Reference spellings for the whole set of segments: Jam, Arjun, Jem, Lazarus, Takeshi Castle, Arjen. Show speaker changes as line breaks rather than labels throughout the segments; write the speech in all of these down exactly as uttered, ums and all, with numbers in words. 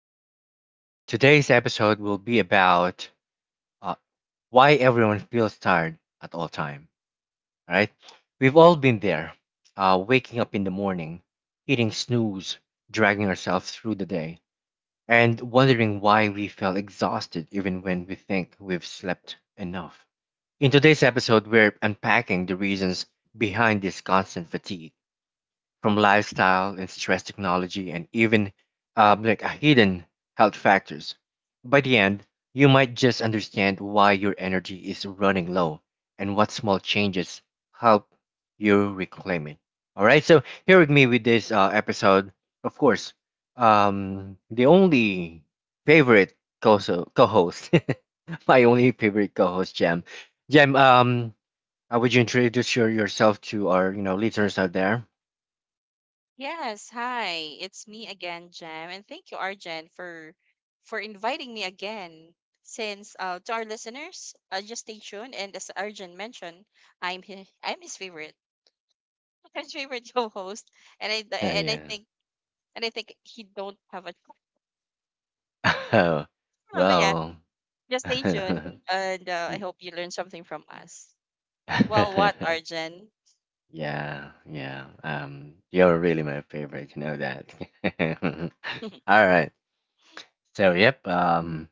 podcast. Today's episode will be about uh, why everyone feels tired at all time. All right, we've all been there, uh, waking up in the morning, hitting snooze, dragging ourselves through the day, and wondering why we feel exhausted even when we think we've slept enough. In today's episode, we're unpacking the reasons behind this constant fatigue from lifestyle and stress technology and even um, like uh, hidden health factors. By the end, you might just understand why your energy is running low and what small changes help you reclaim it. All right, so here with me with this uh, episode, of course, um, the only favorite co host, my only favorite co host, Jem. Jem, um, uh, would you introduce your, yourself to our you know listeners out there?
Yes, hi. It's me again, Jam, and thank you, Arjen, for for inviting me again. Since uh, To our listeners, uh, just stay tuned. And as Arjen mentioned, I'm his, I'm his favorite, his favorite co-host, and I
Uh,
and I
yeah.
think and I think he don't have a.
Oh,
But yeah,
well,
just stay tuned, and uh, I hope you learn something from us. Well, what, Arjen?
yeah, yeah. Um, you're really my favorite. You know that. All right. So, yep. Um,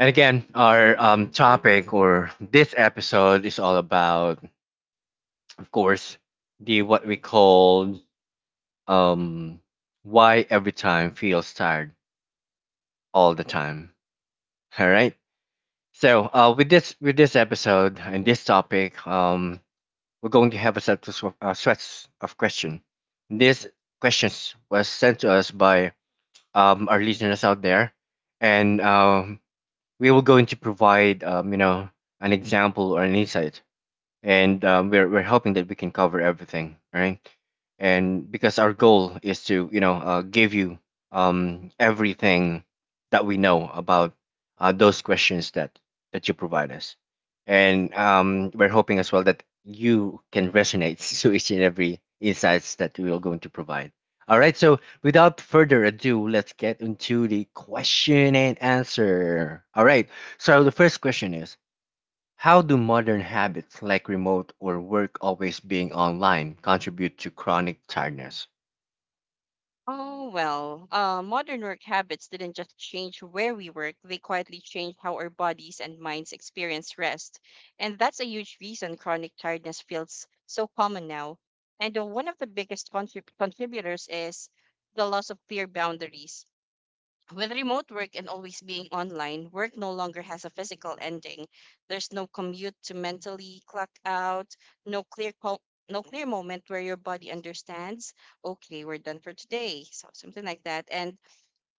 And again, our um topic or this episode is all about, of course, the what we call um why every time feels tired all the time. All right. So, uh, with this with this episode and this topic, um, we're going to have a set of uh, sets of questions. These questions was sent to us by um, our listeners out there, and um, we will going to provide um, you know an example or an insight and um, we're we're hoping that we can cover everything, right? And because our goal is to you know uh, give you um, everything that we know about uh, those questions that that you provide us, and um, we're hoping as well that you can resonate to each and every insights that we are going to provide. All right, so without further ado, let's get into the question and answer. All right, so the first question is how do modern habits like remote or work always being online contribute to chronic tiredness?
Oh, well, uh, modern work habits didn't just change where we work, they quietly changed how our bodies and minds experience rest. And that's a huge reason chronic tiredness feels so common now. And uh, one of the biggest contrib- contributors is the loss of clear boundaries. With remote work and always being online, work no longer has a physical ending. There's no commute to mentally clock out, no clear co- no clear moment where your body understands, okay, we're done for today. So something like that. And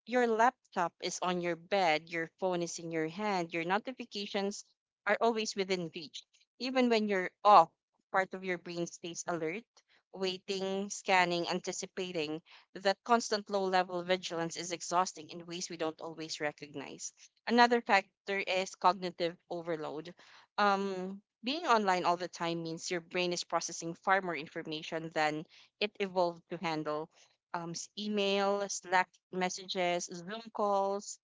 your laptop is on your bed, your phone is in your hand, your notifications are always within reach. Even when you're off, part of your brain stays alert, waiting, scanning, anticipating. That constant low level vigilance is exhausting in ways we don't always recognize. Another factor is cognitive overload. Um, being online all the time means your brain is processing far more information than it evolved to handle um, s- email, Slack messages, Zoom calls,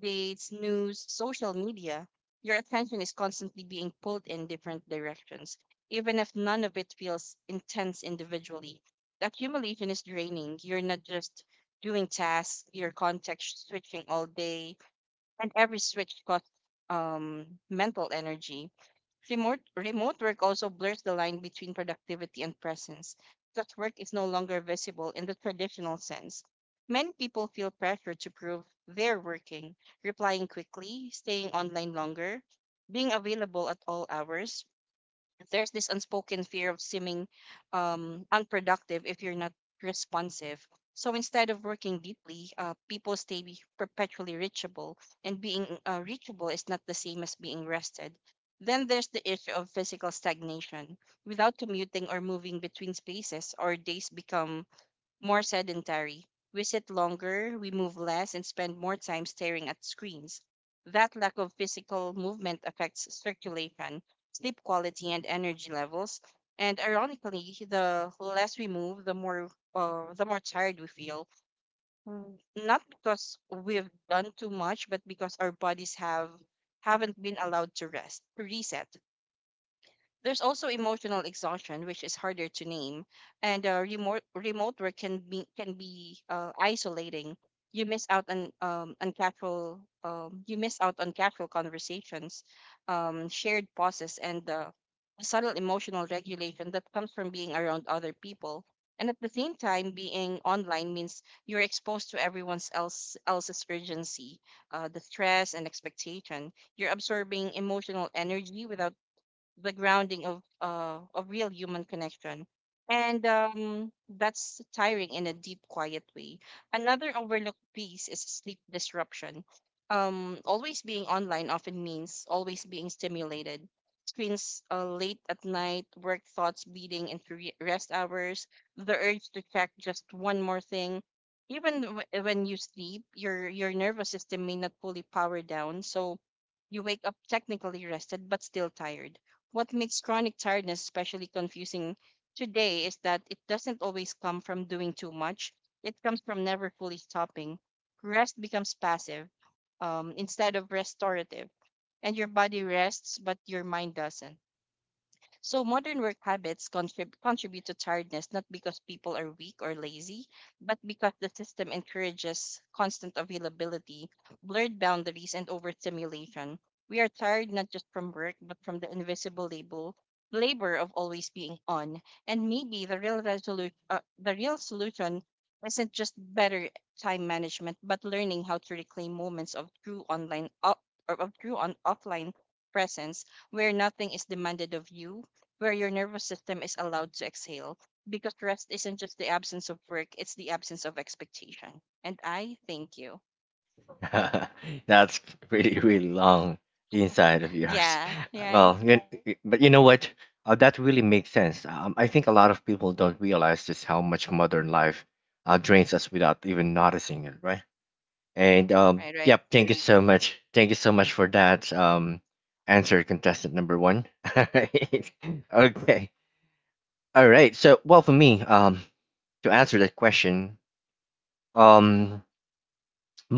dates, news, social media. Your attention is constantly being pulled in different directions. Even if none of it feels intense individually, the accumulation is draining. You're not just doing tasks, you're context switching all day, and every switch costs um, mental energy. Remote, remote work also blurs the line between productivity and presence, because work is no longer visible in the traditional sense. Many people feel pressure to prove they're working, replying quickly, staying online longer, being available at all hours. There's this unspoken fear of seeming um, unproductive if you're not responsive. So instead of working deeply, uh, people stay be- perpetually reachable, and being uh, reachable is not the same as being rested. Then there's the issue of physical stagnation. Without commuting or moving between spaces, our days become more sedentary. We sit longer, we move less, and spend more time staring at screens. That lack of physical movement affects circulation, sleep quality, and energy levels. And ironically, the less we move, the more uh, the more tired we feel. Mm, Not because we've done too much, but because our bodies have haven't been allowed to rest, to reset. There's also emotional exhaustion, which is harder to name, and uh, remote remote work can be can be uh, isolating. You miss out on um, on casual um, you miss out on casual conversations, um, shared pauses, and uh, the subtle emotional regulation that comes from being around other people. And at the same time, being online means you're exposed to everyone else else's urgency, uh, the stress and expectation. You're absorbing emotional energy without the grounding of uh, of real human connection, and um, that's tiring in a deep quiet way. Another overlooked piece is sleep disruption. Um, always being online often means always being stimulated: screens uh, late at night, work thoughts bleeding into re- rest hours, the urge to check just one more thing. Even w- when you sleep, your your nervous system may not fully power down, so you wake up technically rested but still tired. What makes chronic tiredness especially confusing today is that it doesn't always come from doing too much, it comes from never fully stopping. Rest becomes passive um, instead of restorative, and your body rests, but your mind doesn't. So modern work habits contrib- contribute to tiredness not because people are weak or lazy, but because the system encourages constant availability, blurred boundaries, and overstimulation. We are tired not just from work, but from the invisible label labor of always being on. And maybe the real resolution, uh, the real solution, isn't just better time management, but learning how to reclaim moments of true online o- or of true on offline presence, where nothing is demanded of you, where your nervous system is allowed to exhale, because rest isn't just the absence of work, it's the absence of expectation. And I thank you.
That's really, really long inside of yours.
Yeah, right.
Well, you, but you know what? Uh, that really makes sense. Um, I think a lot of people don't realize just how much modern life uh, drains us without even noticing it, right? And um,
Right, right.
yep, thank you so much. Thank you so much for that um, answer, contestant number one. All right. Okay. All right. So, well, for me, um, to answer that question, um,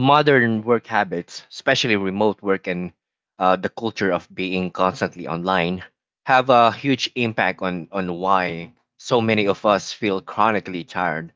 modern work habits, especially remote work and uh, the culture of being constantly online, have a huge impact on on why so many of us feel chronically tired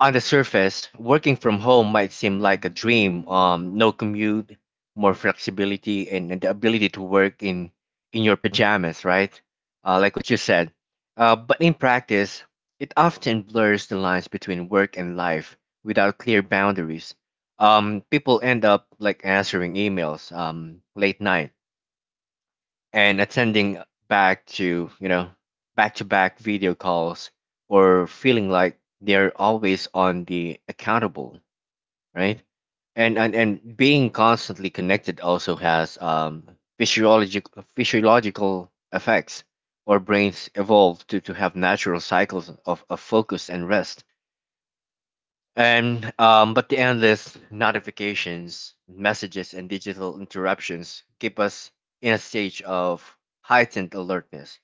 on the surface, working from home might seem like a dream. Um, no commute, more flexibility, and, and the ability to work in in your pajamas, right? Uh, like what you said. Uh, but in practice, it often blurs the lines between work and life without clear boundaries. Um, people end up like answering emails um, late night and attending back to you know back to back video calls or feeling like they're always on the accountable, right? and and, and being constantly connected also has um physiological physiological effects. Our brains evolved to, to have natural cycles of, of focus and rest, and um, but the endless notifications, messages, and digital interruptions keep us in a stage of heightened alertness.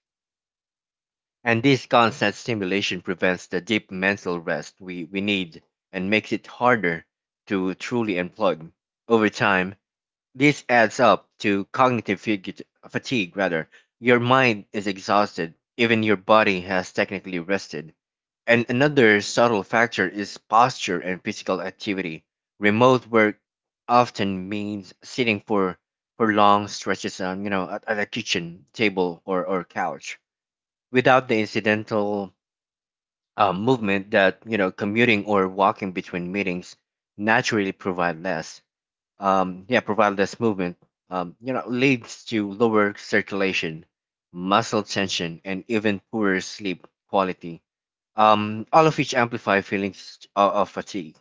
And this constant stimulation prevents the deep mental rest we, we need and makes it harder to truly unplug. Over time, this adds up to cognitive fig- fatigue rather. Your mind is exhausted, even your body has technically rested. And another subtle factor is posture and physical activity. Remote work often means sitting for, for long stretches on, you know, at, at a kitchen table or, or couch without the incidental uh, movement that you know commuting or walking between meetings naturally provide less, um, yeah, provide less movement, um, you know, leads to lower circulation, muscle tension, and even poorer sleep quality. Um, all of which amplify feelings of, of fatigue.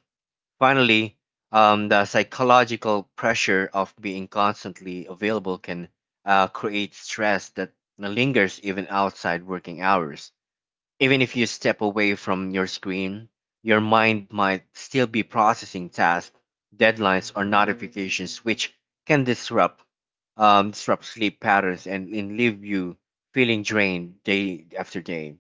Finally, um, the psychological pressure of being constantly available can uh, create stress that lingers even outside working hours even if you step away from your screen, your mind might still be processing tasks, deadlines, or notifications, which can disrupt um, disrupt sleep patterns and, and leave you feeling drained day after day.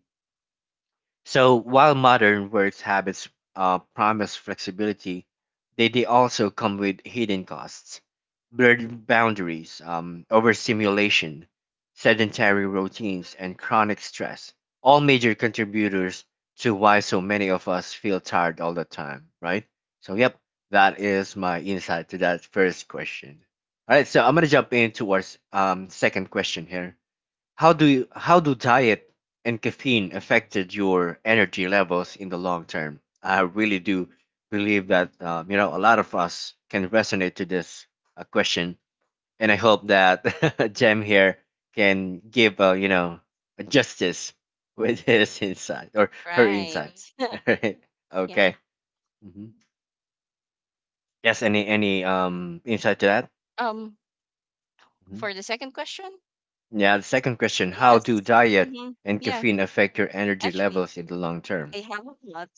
So while modern work habits uh, promise flexibility, they, they also come with hidden costs, blurred boundaries, um, overstimulation, sedentary routines, and chronic stress. All major contributors to why so many of us feel tired all the time, right? So, yep, that is my insight to that first question. All right, so I'm gonna jump into our s- um, second question here. How do you, how do diet and caffeine affected your energy levels in the long term? I really do believe that uh, you know a lot of us can resonate to this uh, question, and I hope that Jem here can give uh, you know a justice with his insight or her insight.
Right. Yeah.
Okay. hmm Yes. Any any um insight to that?
Um
hmm
for the second question?
Yeah. The second question: how do
Yes.
diet
Mhm.
and
Yeah,
caffeine affect your energy
actually,
levels in the long term?
I have a lot.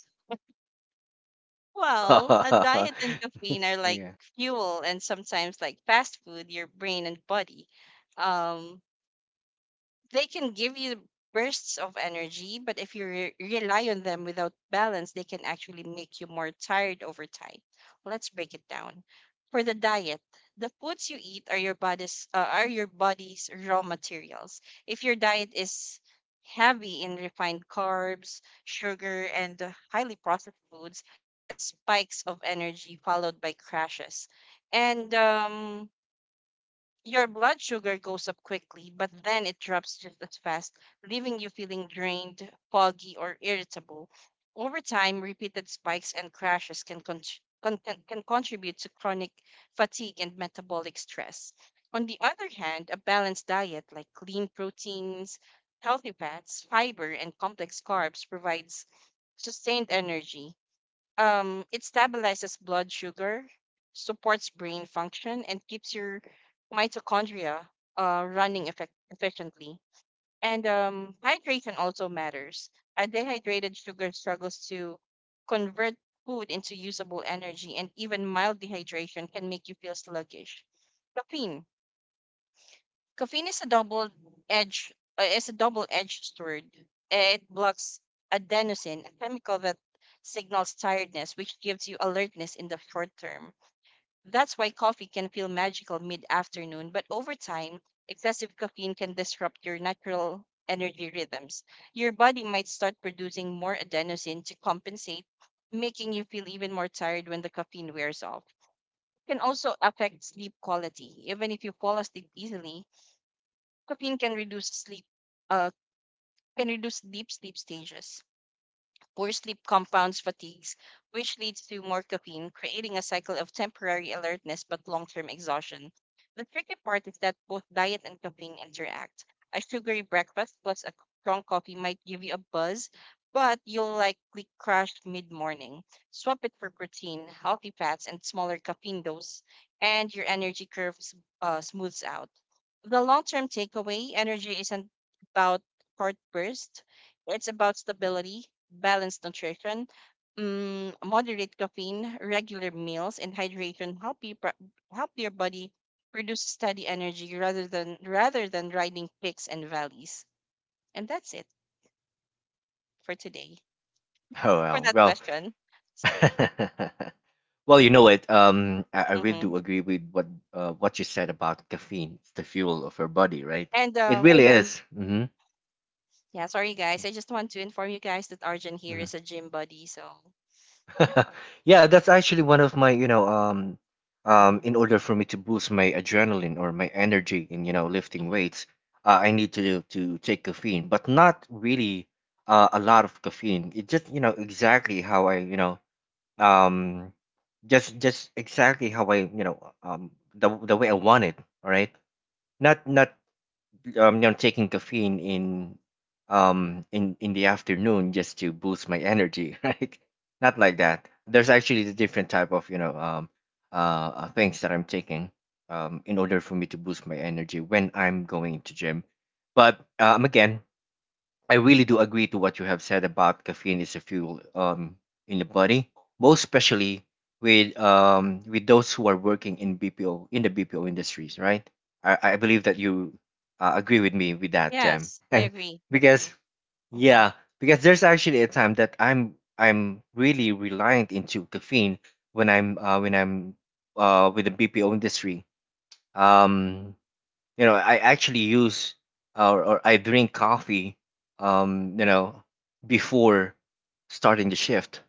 Well, a diet and caffeine are like
Yeah.
fuel, and sometimes like fast food, your brain and body. Um they can give you bursts of energy, but if you re- rely on them without balance, they can actually make you more tired over time. Well, let's break it down. For the diet, the foods you eat are your body's uh, are your body's raw materials. If your diet is heavy in refined carbs, sugar, and uh, highly processed foods, you get spikes of energy followed by crashes. And um, your blood sugar goes up quickly, but then it drops just as fast, leaving you feeling drained, foggy, or irritable. Over time, repeated spikes and crashes can, con- con- can can contribute to chronic fatigue and metabolic stress. On the other hand, a balanced diet like clean proteins, healthy fats, fiber, and complex carbs provides sustained energy. Um, it stabilizes blood sugar, supports brain function, and keeps your mitochondria uh, running effect- efficiently. And um, hydration also matters. A dehydrated sugar struggles to convert food into usable energy, and even mild dehydration can make you feel sluggish. Caffeine. Caffeine is a double edged uh, is a double edged sword. It blocks adenosine, a chemical that signals tiredness, which gives you alertness in the short term. That's why coffee can feel magical mid afternoon, but over time, excessive caffeine can disrupt your natural energy rhythms. Your body might start producing more adenosine to compensate, making you feel even more tired when the caffeine wears off. It can also affect sleep quality. Even if you fall asleep easily, caffeine can reduce sleep, uh, can reduce deep sleep stages. Poor sleep compounds fatigues, which leads to more caffeine, creating a cycle of temporary alertness but long term exhaustion. The tricky part is that both diet and caffeine interact. A sugary breakfast plus a strong coffee might give you a buzz, but you'll likely crash mid morning. Swap it for protein, healthy fats, and smaller caffeine dose, and your energy curve s- uh, smooths out. The long term takeaway: energy isn't about short bursts, it's about stability. Balanced nutrition, mm, moderate caffeine, regular meals, and hydration help you pro- help your body produce steady energy rather than rather than riding peaks and valleys. And that's it for today. For
Oh well.
that
Well.
question, sorry.
Well, you know what? Um, I, I really do
Hmm.
agree with what uh what you said about caffeine. It's the fuel of our body, right?
And
It
um,
really is. Mm-hmm.
yeah, sorry guys. I just want to inform you guys that Arjun here
Mhm.
is a gym buddy. So
Yeah, that's actually one of my, you know, um, um,
mhm,
in order for me to boost my adrenaline or my energy in, you know, lifting
mhm.
weights, uh, I need to to take caffeine, but not really uh, a lot of caffeine. It just, you know, exactly how I, you know, um just just exactly how I you know um the the way I want it. All right, not not um you know taking caffeine in um in in the afternoon just to boost my energy, right? Not like that. There's actually the different type of you know um uh uh, things that I'm taking um in order for me to boost my energy when I'm going to gym. But um again, I really do agree to what you have said about caffeine is a fuel, um, in the body, most especially with um, with those who are working in B P O in the B P O industries, right? I, I believe that you uh, agree with me with that, Jam,
Yes, I agree.
because
Hmm.
yeah, because there's actually a time that I'm I'm really reliant into caffeine when I'm uh, when I'm uh, with the B P O industry. Um, you know, I actually use or, or I drink coffee, um, you know, before starting the shift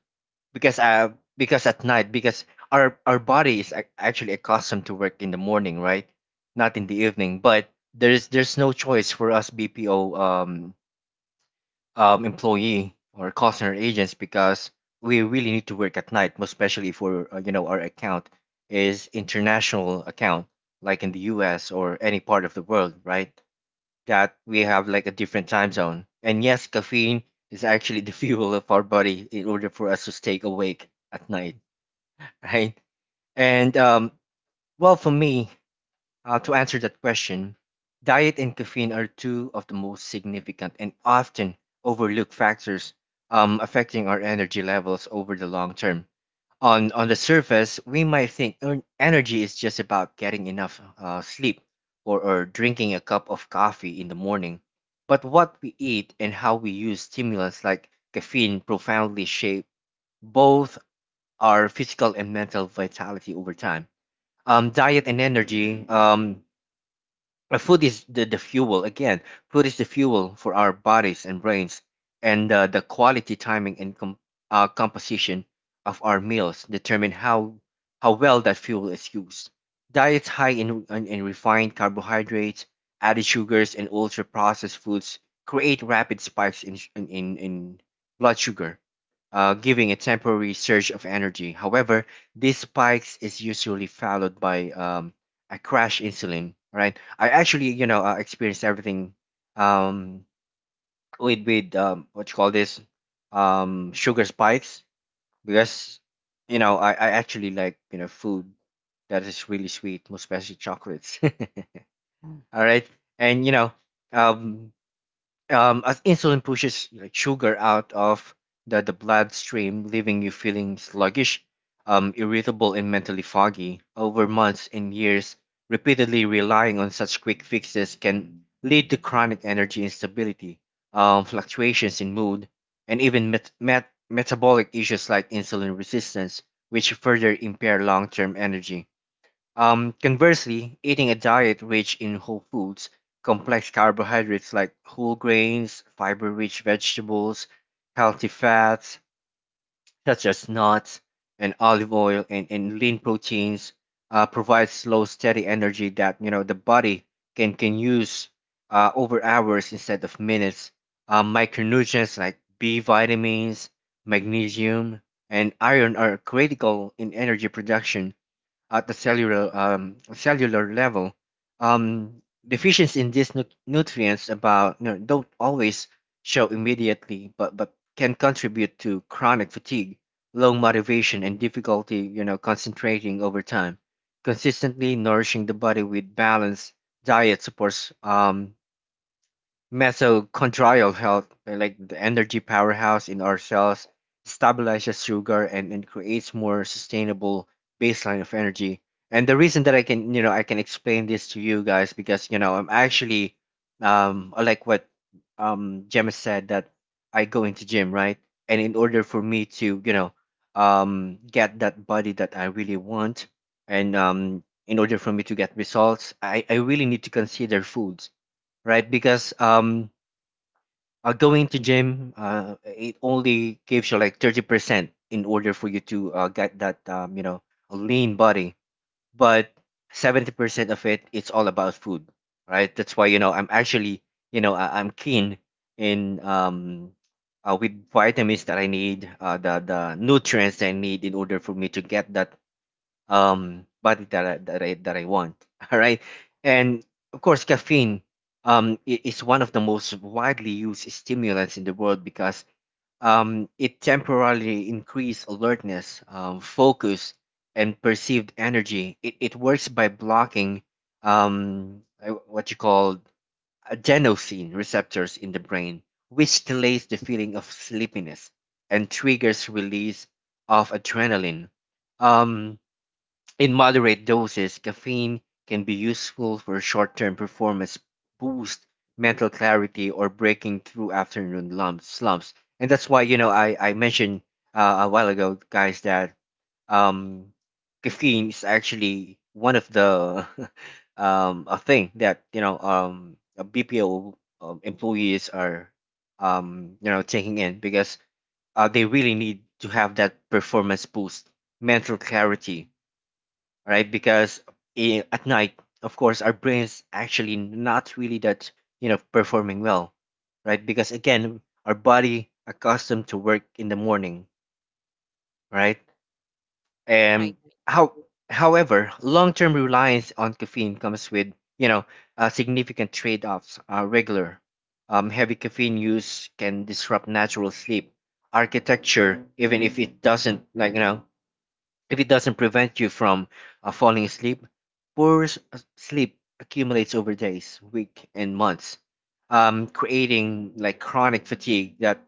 because uh because at night because our our body is ac- actually accustomed to work in the morning, right? Not in the evening, but there's there's no choice for us B P O um um employee or call center agents because we really need to work at night, most especially for uh, you know our account is international account like in the U S or any part of the world, right? That we have like a different time zone. And yes, caffeine is actually the fuel of our body in order for us to stay awake at night, right? And um, well, for me, uh, to answer that question, diet and caffeine are two of the most significant and often overlooked factors um, affecting our energy levels over the long term. On on the surface, we might think en- energy is just about getting enough uh, sleep or, or drinking a cup of coffee in the morning. But what we eat and how we use stimulants like caffeine profoundly shape both our physical and mental vitality over time. Um, diet and energy, um, uh, food is the, the fuel. Again, food is the fuel for our bodies and brains, and uh, the quality, timing, and com- uh, composition of our meals determine how how well that fuel is used. Diets high in, in, in refined carbohydrates, added sugars, and ultra processed foods create rapid spikes in, sh- in, in, in blood sugar, uh, giving a temporary surge of energy. However, these spikes is usually followed by um, a crash insulin, right? I actually, you know, uh, experienced everything um, with with um, what you call this um, sugar spikes because you know I, I actually like you know food that is really sweet, most especially chocolates. All right, and you know um, um, as insulin pushes like sugar out of the, the bloodstream, leaving you feeling sluggish, um, irritable, and mentally foggy. Over months and years, repeatedly relying on such quick fixes can lead to chronic energy instability, um, fluctuations in mood, and even met- met- metabolic issues like insulin resistance, which further impair long term energy. Um, conversely, eating a diet rich in whole foods, complex carbohydrates like whole grains, fiber rich vegetables, healthy fats such as nuts and olive oil, and, and lean proteins uh, provides slow, steady energy that you know the body can, can use uh, over hours instead of minutes. Uh, micronutrients like B vitamins, magnesium, and iron are critical in energy production at the cellular um, cellular level. Um, deficiency in these nu- nutrients about no, don't always show immediately, but but can contribute to chronic fatigue, low motivation, and difficulty you know concentrating over time. Consistently nourishing the body with balanced diet supports um, mitochondrial health, uh, like the energy powerhouse in our cells, stabilizes sugar and, and creates more sustainable baseline of energy. And the reason that I can, you know, I can explain this to you guys because, you know, I'm actually, um, uh, like what um Gemma said that I go into gym, right? And in order for me to, you know, um, get that body that I really want, and um, in order for me to get results, I, I really need to consider foods right? Because um, uh, going to gym, uh, it only gives you like thirty percent in order for you to uh, get that um, you know a lean body, but seventy percent of it, it's all about food, right? That's why you know I'm actually you know I, I'm keen in um. Uh, with vitamins that I need, uh, the the nutrients that I need in order for me to get that um body that I, that I that I want. All right, and of course, caffeine um i- is one of the most widely used stimulants in the world because um it temporarily increases alertness, um, focus, and perceived energy. It it works by blocking um uh, what you call adenosine receptors in the brain, which delays the feeling of sleepiness and triggers release of adrenaline. Um, in moderate doses, caffeine can be useful for short-term performance boost, mental clarity, or breaking through afternoon lumps, slumps. And that's why you know I I mentioned uh, a while ago, guys, that um, caffeine is actually one of the um a thing that you know um a B P O um, employees are um you know taking in because uh, they really need to have that performance boost, mental clarity right? Because i- at night, of course, our brain's actually not really that, you know, performing well, right? Because again, our body accustomed to work in the morning, right?
Right,
And
right.
how, however, long-term reliance on caffeine comes with, you know, uh, significant trade-offs. Uh, regular, um, heavy caffeine use can disrupt natural sleep architecture, even if it doesn't, like you know, if it doesn't prevent you from uh, falling asleep, poor s- uh, sleep accumulates over days, weeks, and months, um, creating like chronic fatigue that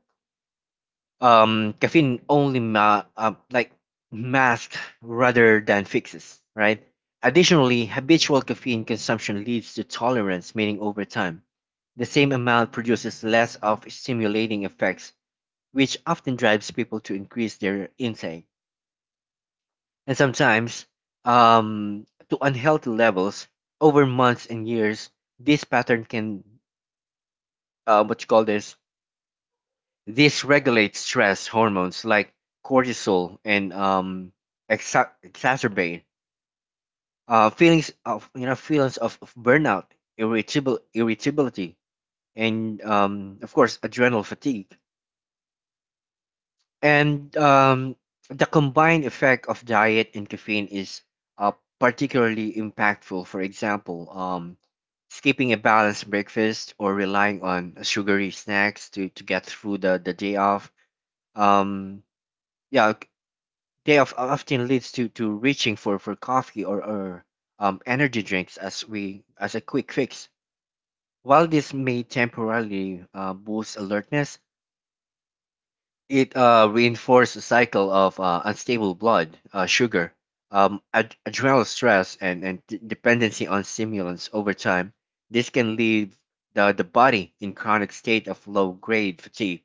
um, caffeine only ma- uh, like masks rather than fixes, right? Additionally, habitual caffeine consumption leads to tolerance, meaning over time, the same amount produces less of stimulating effects, which often drives people to increase their intake and sometimes um, to unhealthy levels over months and years. This pattern can, uh, what you call this, dysregulate stress hormones like cortisol and um, exa- exacerbate uh, feelings of you know feelings of, of burnout, irritable irritability, and um, of course adrenal fatigue. And um, the combined effect of diet and caffeine is uh, particularly impactful. For example, um, skipping a balanced breakfast or relying on sugary snacks to, to get through the, the day off. Um, yeah, c- day off often leads to, to reaching for, for coffee or, or um, energy drinks as we as a quick fix. While this may temporarily uh, boost alertness, it uh, reinforces the cycle of uh, unstable blood uh, sugar, um, ad- adrenal stress, and, and d- dependency on stimulants over time. This can leave the, the body in chronic state of low grade fatigue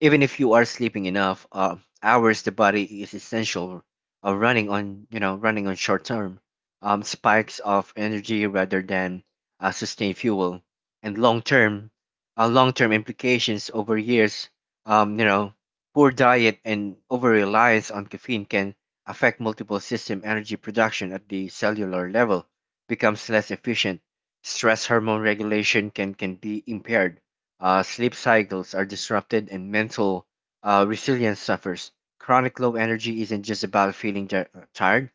even if you are sleeping enough uh, hours. The body is essential uh, running on you know running on short term um, spikes of energy rather than uh, sustained fuel and long term uh, long term implications over years. Um, you know poor diet and over reliance on caffeine can affect multiple system energy production at the cellular level becomes less efficient. Stress hormone regulation can, can be impaired. Uh, sleep cycles are disrupted, and mental uh, resilience suffers. Chronic low energy isn't just about feeling ti- uh, tired,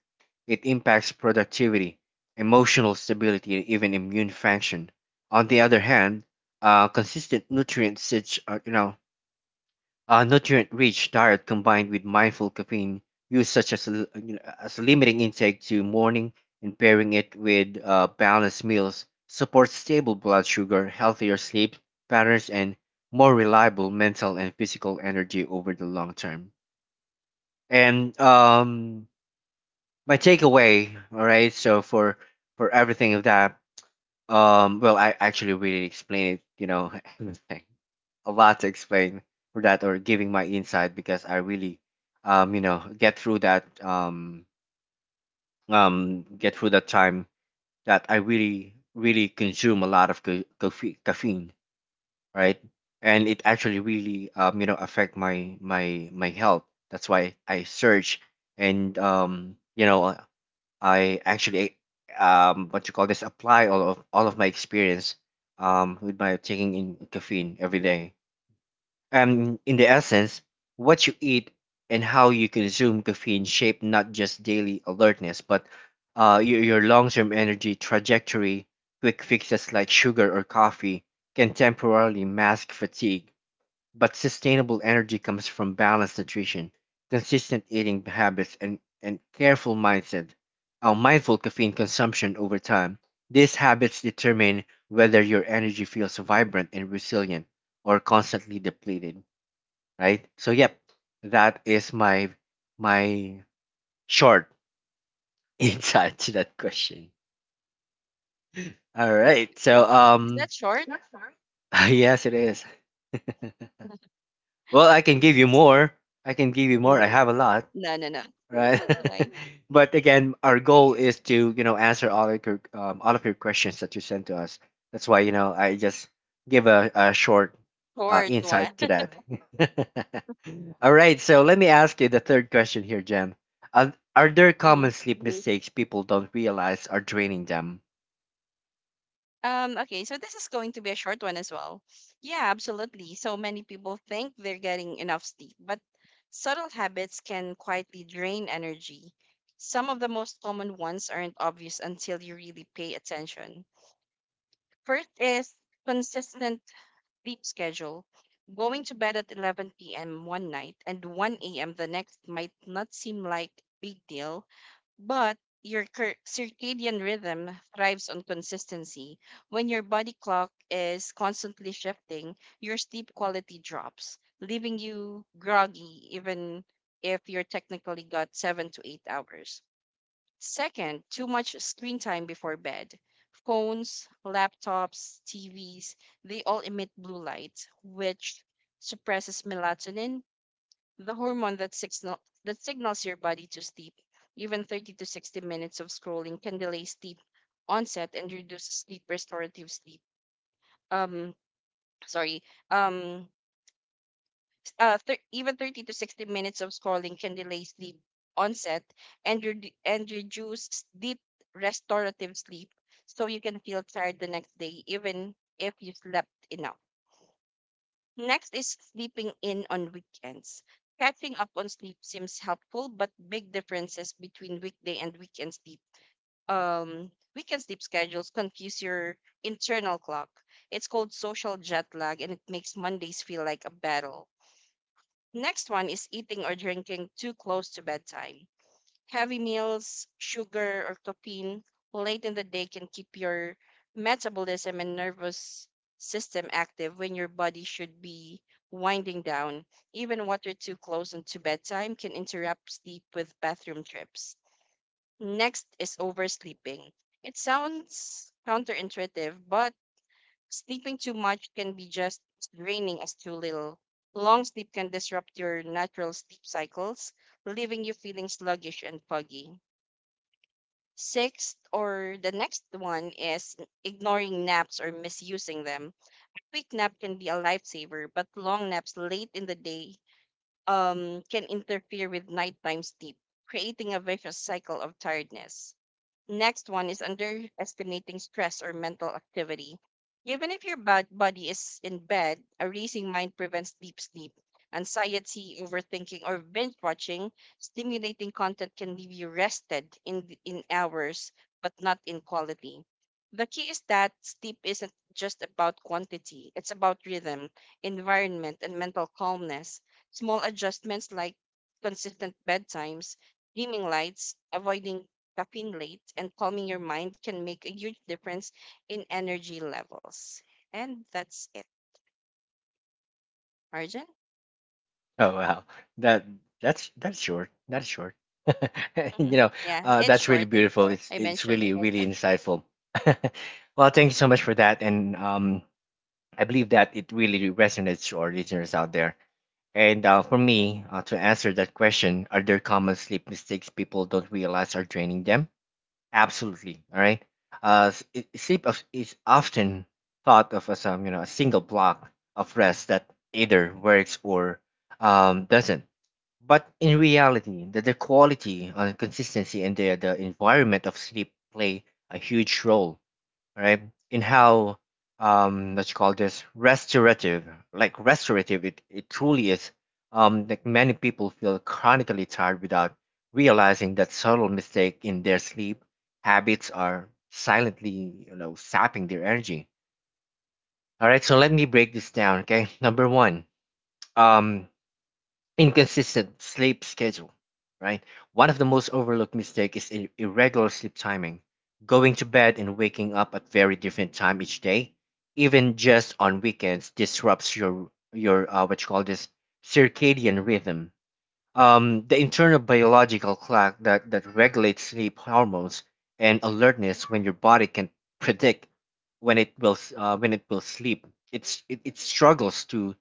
it impacts productivity, emotional stability, and even immune function. On the other hand, uh, consistent nutrients such uh, you know a nutrient-rich diet combined with mindful caffeine use, such as l- you know, as limiting intake to morning and pairing it with uh, balanced meals, supports stable blood sugar, healthier sleep patterns, and more reliable mental and physical energy over the long term. And um, my takeaway, all right, so for for everything of that, um, well, I actually really explained it, you know, a lot to explain for that or giving my insight because I really, um, you know, get through that, um, um, get through that time that I really, really consume a lot of ca- caffe- caffeine, right? And it actually really, um, you know, affect my my my health. That's why I search and um, you know, I actually, um, what you call this, apply all of all of my experience, um, with my taking in caffeine every day um, in the essence, what you eat and how you consume caffeine shape not just daily alertness, but uh, your, your long-term energy trajectory. Quick fixes like sugar or coffee can temporarily mask fatigue, but sustainable energy comes from balanced nutrition, consistent eating habits, and, and careful mindset. Uh, mindful caffeine consumption over time. These habits determine whether your energy feels vibrant and resilient or constantly depleted right? So yep, that is my my short insight to that question. All
Thank
right.
you.
So
Is
um
that short?
yes it is. Well, I can give you more. I can give you more. I
Mm,
have a lot.
no, no, no.
Right?
That's all right.
But again, our goal is to you know answer all of your um, all of your questions that you sent to us. That's why you know I just give a, a short uh,
Short one.
insight to that. All right, so let me ask you the third question here, Jem. Are, are there common
Mhm.
sleep mistakes people don't realize are draining them?
Um, okay, so this is going to be a short one as well. Yeah, absolutely. So many people think they're getting enough sleep, but subtle habits can quietly drain energy. Some of the most common ones aren't obvious until you really pay attention. First is consistent sleep schedule. Going to bed at eleven p m one night and one a m the next might not seem like big deal. But your cir- circadian rhythm thrives on consistency. When your body clock is constantly shifting, your sleep quality drops, leaving you groggy even if you're technically got seven to eight hours. Second, too much screen time before bed. Phones, laptops, T Vs, they all emit blue light, which suppresses melatonin, the hormone that signal that signals your body to sleep. Even thirty to sixty minutes of scrolling can delay sleep onset and reduce sleep restorative sleep. Um, sorry. Um, s- uh, thir- Even thirty to sixty minutes of scrolling can delay sleep onset and redu- and reduce deep restorative sleep, so you can feel tired the next day even if you slept enough. Next is sleeping in on weekends. Catching up on sleep seems helpful, but big differences between weekday and weekend sleep um weekend sleep schedules confuse your internal clock. It's called social jet lag and it makes Mondays feel like a battle. Next one is eating or drinking too close to bedtime. Heavy meals, sugar, or caffeine late in the day can keep your metabolism and nervous system active when your body should be winding down. Even water too close and to bedtime can interrupt sleep with bathroom trips. Next is oversleeping. It sounds counterintuitive, but sleeping too much can be just as draining as too little. Long sleep can disrupt your natural sleep cycles, leaving you feeling sluggish and foggy. Sixth, or the next one, is ignoring naps or misusing them. Quick nap can be a lifesaver, but long naps late in the day um, can interfere with nighttime sleep, creating a vicious cycle of tiredness. Next one is underestimating stress or mental activity. Even if your bad body is in bed, a racing mind prevents deep sleep. Anxiety, overthinking, or binge watching, stimulating content can leave you rested in, th- in hours, but not in quality. The key is that sleep isn't just about quantity, it's about rhythm, environment, and mental calmness. Small adjustments like consistent bedtimes, dimming lights, avoiding caffeine late and calming your mind can make a huge difference in energy levels. And that's it. Arjun?
Oh wow, that that's that's short. That's short.
Hmm.
You know,
Yeah,
uh,
it's
that's really
short.
beautiful. It's
I
it's
mentioned.
really really insightful. Well, thank you so much for that, and um, I believe that it really resonates to our listeners out there. And uh, for me, uh, to answer that question, are there common sleep mistakes people don't realize are draining them? Absolutely. All right. Uh, s- i- sleep of, is often thought of as um, you know, a single block of rest that either works or um, doesn't, but in reality, the, the quality and consistency and the, the environment of sleep play a huge role, right? In how um what you call this restorative, like restorative it, it truly is. Um like many people feel chronically tired without realizing that subtle mistake in their sleep habits are silently, you know, sapping their energy. All right, so let me break this down, okay? Number one, um inconsistent sleep schedule, right? One of the most overlooked mistake is ir- irregular sleep timing. Going to bed and waking up at very different time each day, even just on weekends, disrupts your your uh, what you call this circadian rhythm. Um, the internal biological clock that that regulates sleep hormones and alertness. When your body can predict when it will s- uh, when it will sleep, it's it, it struggles to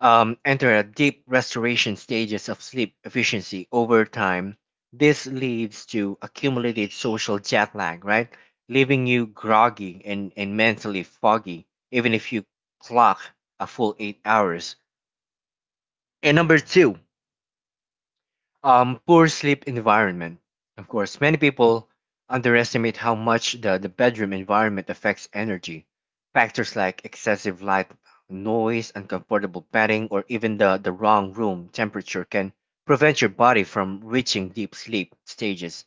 um, enter a deep restoration stages of sleep efficiency over time. This leads to accumulated social jet lag, right? Leaving you groggy and, and mentally foggy, even if you clock a full eight hours. And number two, um, poor sleep environment. Of course, many people underestimate how much the, the bedroom environment affects energy. Factors like excessive light, noise, uncomfortable bedding, or even the, the wrong room temperature can prevent your body from reaching deep sleep stages.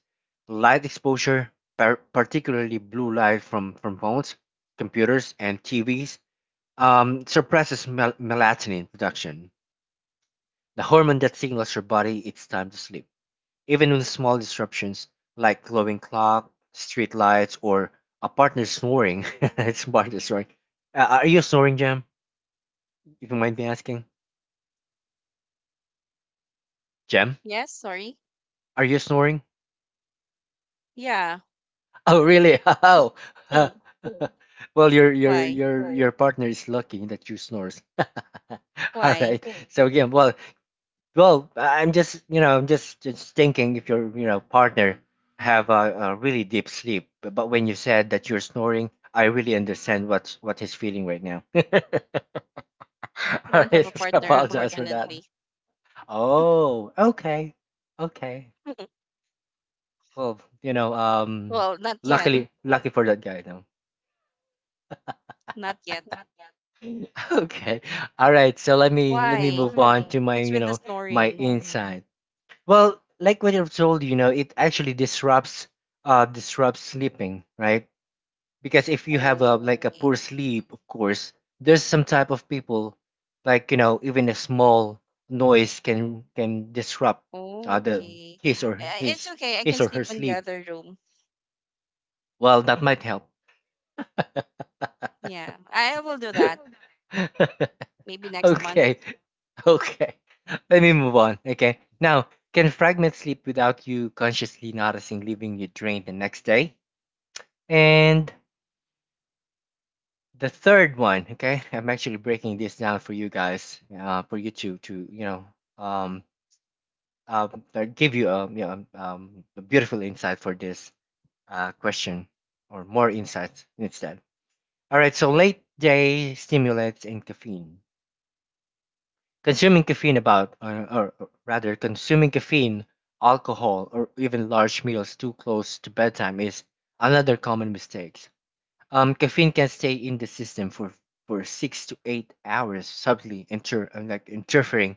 Light exposure, par- particularly blue light from, from phones, computers, and T Vs, um, suppresses mel- melatonin production, the hormone that signals your body it's time to sleep. Even with small disruptions like glowing clock, street lights, or a partner snoring, it's partner snoring. Uh, are you snoring, Jem? If you mind me asking, Jem,
Yes, sorry.
are you snoring?
Yeah.
Oh, really? How? Uh,
Hmm.
well, your your
Why?
your your partner is lucky that you snores. All
Why?
right. So again, well, well, I'm just you know I'm just just thinking if your you know partner have a, a really deep sleep, but, but when you said that you're snoring, I really understand what's what he's feeling right now.
I
All right,
don't
I
have a
That
partner,
apologize for that.
unfortunately.
Oh, okay, okay. Well, you know, um,
Well, not yet.
luckily, lucky for that guy, though.
Not yet.
Okay, all right. So let me let me
Why?
move on right. to my,
What's
you
with the
know, my right.
snoring?
insight. Well, like what I've told you, you know, it actually disrupts, uh, disrupts sleeping, right? Because if you have a like a poor
Okay.
sleep, of course there's some type of people, like you know, even a small noise can can disrupt uh, the
Okay.
his or
Uh, It's
his
okay. I
his
can
or her
sleep in the
sleep.
other room.
Well, that might help.
Yeah, I will do that. Maybe next month.
Okay, okay, let me move on. Okay, now can fragment sleep without you consciously noticing, leaving you drained the next day. And the third one, okay, I'm actually breaking this down for you guys, uh, for you to to you know, um um, uh, give you um, you know, um, a beautiful insight for this uh, question, or more insights instead. All right, so late day stimulates and caffeine. Consuming caffeine about, or, or or rather, consuming caffeine, alcohol, or even large meals too close to bedtime is another common mistake. Um, caffeine can stay in the system for, for six to eight hours, subtly inter, uh, like interfering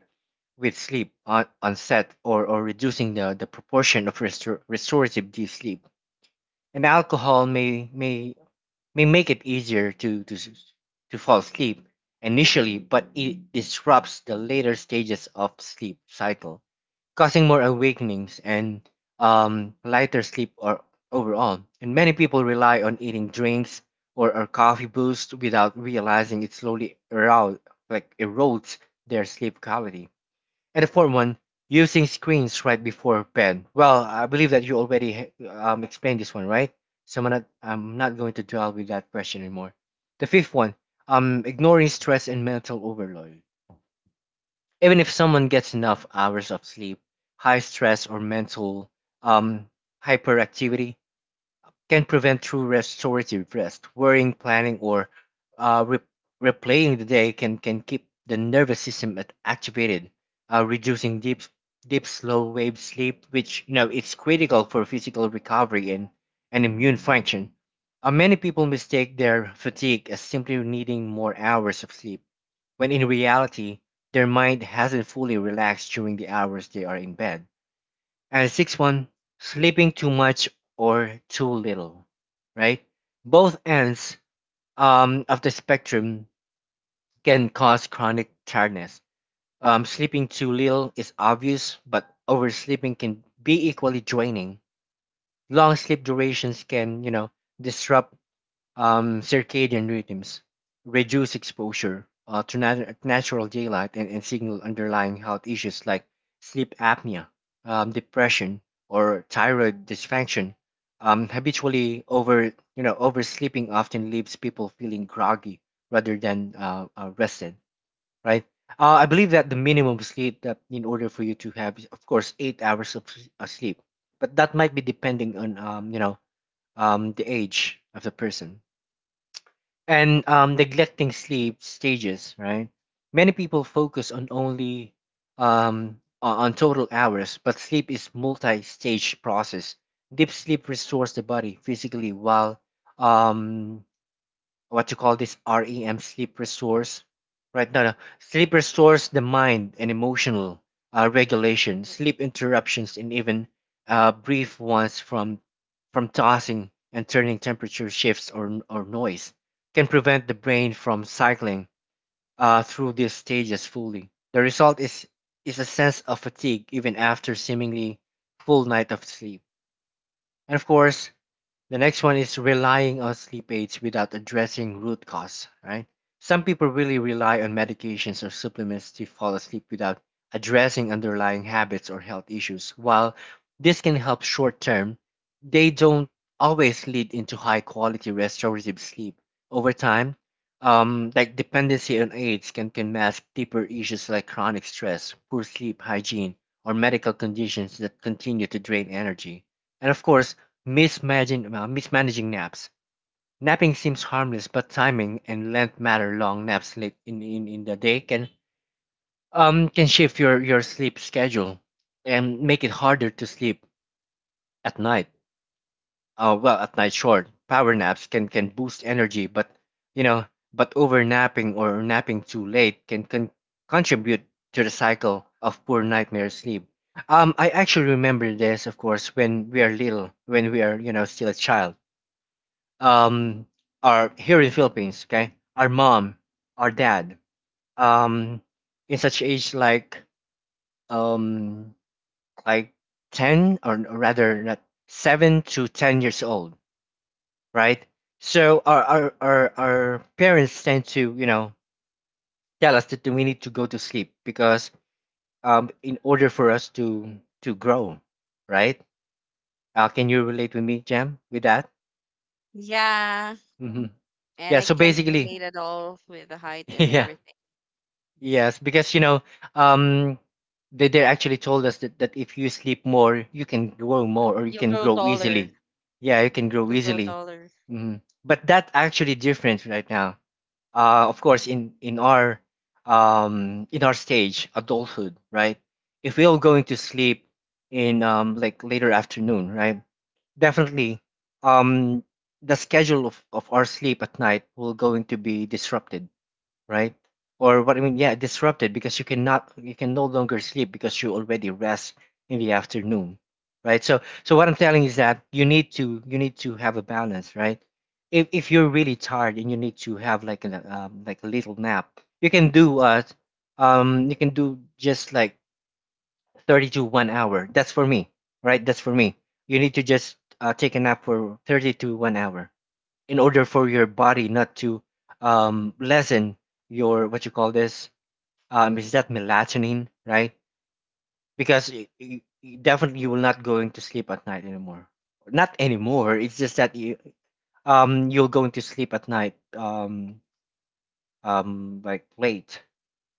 with sleep on, onset, or, or reducing the, the proportion of restor- restorative deep sleep. And alcohol may may may make it easier to to, s- to fall asleep initially, but it disrupts the later stages of sleep cycle, causing more awakenings and um, lighter sleep or overall. And many people rely on eating drinks, or or coffee boost without realizing it slowly erode, like erodes their sleep quality. And the fourth one, using screens right before bed. Well, I believe that you already um, explained this one, right? So I'm not, I'm not going to dwell with that question anymore. The fifth one, um, ignoring stress and mental overload. Even if someone gets enough hours of sleep, high stress or mental um, hyperactivity can prevent true restorative rest. Worrying, planning, or uh, re- replaying the day can, can keep the nervous system at- activated, uh, reducing deep deep slow wave sleep, which you know it's critical for physical recovery, and, and immune function. Uh, many people mistake their fatigue as simply needing more hours of sleep, when in reality, their mind hasn't fully relaxed during the hours they are in bed. And six one, sleeping too much or too little, right? Both ends um, of the spectrum can cause chronic tiredness. Um, sleeping too little is obvious, but oversleeping can be equally draining. Long sleep durations can, you know, disrupt um, circadian rhythms, reduce exposure uh, to nat- natural daylight, and, and signal underlying health issues like sleep apnea, um, depression, or thyroid dysfunction. Um, habitually over you know oversleeping often leaves people feeling groggy rather than uh, uh, rested, right? Uh, I believe that the minimum sleep that in order for you to have is of course eight hours of s- uh, sleep, but that might be depending on um, you know um, the age of the person, and um, neglecting sleep stages, right? Many people focus on only um, o- on total hours, but sleep is multi-stage process. Deep sleep restores the body physically, while um, what you call this REM sleep resource? Right, no, no, sleep restores the mind and emotional uh, regulation. Sleep interruptions, and even uh, brief ones from from tossing and turning, temperature shifts, or or noise, can prevent the brain from cycling uh, through these stages fully. The result is is a sense of fatigue even after seemingly full night of sleep. And of course, the next one is relying on sleep aids without addressing root cause, right? Some people really rely on medications or supplements to fall asleep without addressing underlying habits or health issues. While this can help short term, they don't always lead into high quality restorative sleep. Over time, um, like dependency on aids can, can mask deeper issues like chronic stress, poor sleep hygiene, or medical conditions that continue to drain energy. And of course, mismanaging, uh, mismanaging naps. Napping seems harmless, but timing and length matter. Long naps late in, in, in the day can um can shift your, your sleep schedule and make it harder to sleep at night. Uh, well, at night short. Power naps can, can boost energy, but you know, but over napping or napping too late can, can contribute to the cycle of poor nightmare sleep. Um, I actually remember this, of course, when we are little, when we are, you know, still a child, um our here in Philippines, okay? Our mom, our dad, um in such age like um like ten, or or rather not, seven to ten years old, right? So our our our, our parents tend to, you know, tell us that we need to go to sleep because um in order for us to to grow, right? Uh, can you relate with me, Jam, with that?
Yeah.
Hmm. Yeah,
And I
so
can't relate
basically,
at all with the height and
yeah.
everything.
Yes, because you know, um, they they actually told us that, that if you sleep more, you can grow more, or you
You'll
can
grow
grow
taller.
easily. Yeah, you can grow
You'll grow
easily.
taller.
Hmm. But that's actually different right now. Uh, of course, in in our um in our stage, adulthood, right? If we're going to sleep in um like later afternoon, right? Definitely, um, the schedule of of our sleep at night will going to be disrupted, right? Or what I mean, yeah, disrupted, because you cannot, you can no longer sleep because you already rest in the afternoon, right? So, so what I'm telling is that you need to, you need to have a balance, right? If if you're really tired and you need to have like a um, like a little nap, you can do uh, um, you can do just like thirty to one hour. That's for me, right? That's for me. You need to just uh, take a nap for thirty to one hour in order for your body not to um, lessen your what you call this, um, is that melatonin, right? Because y y y- definitely you will not going to sleep at night anymore. Not anymore, it's just that you um you're going to sleep at night, um um like late,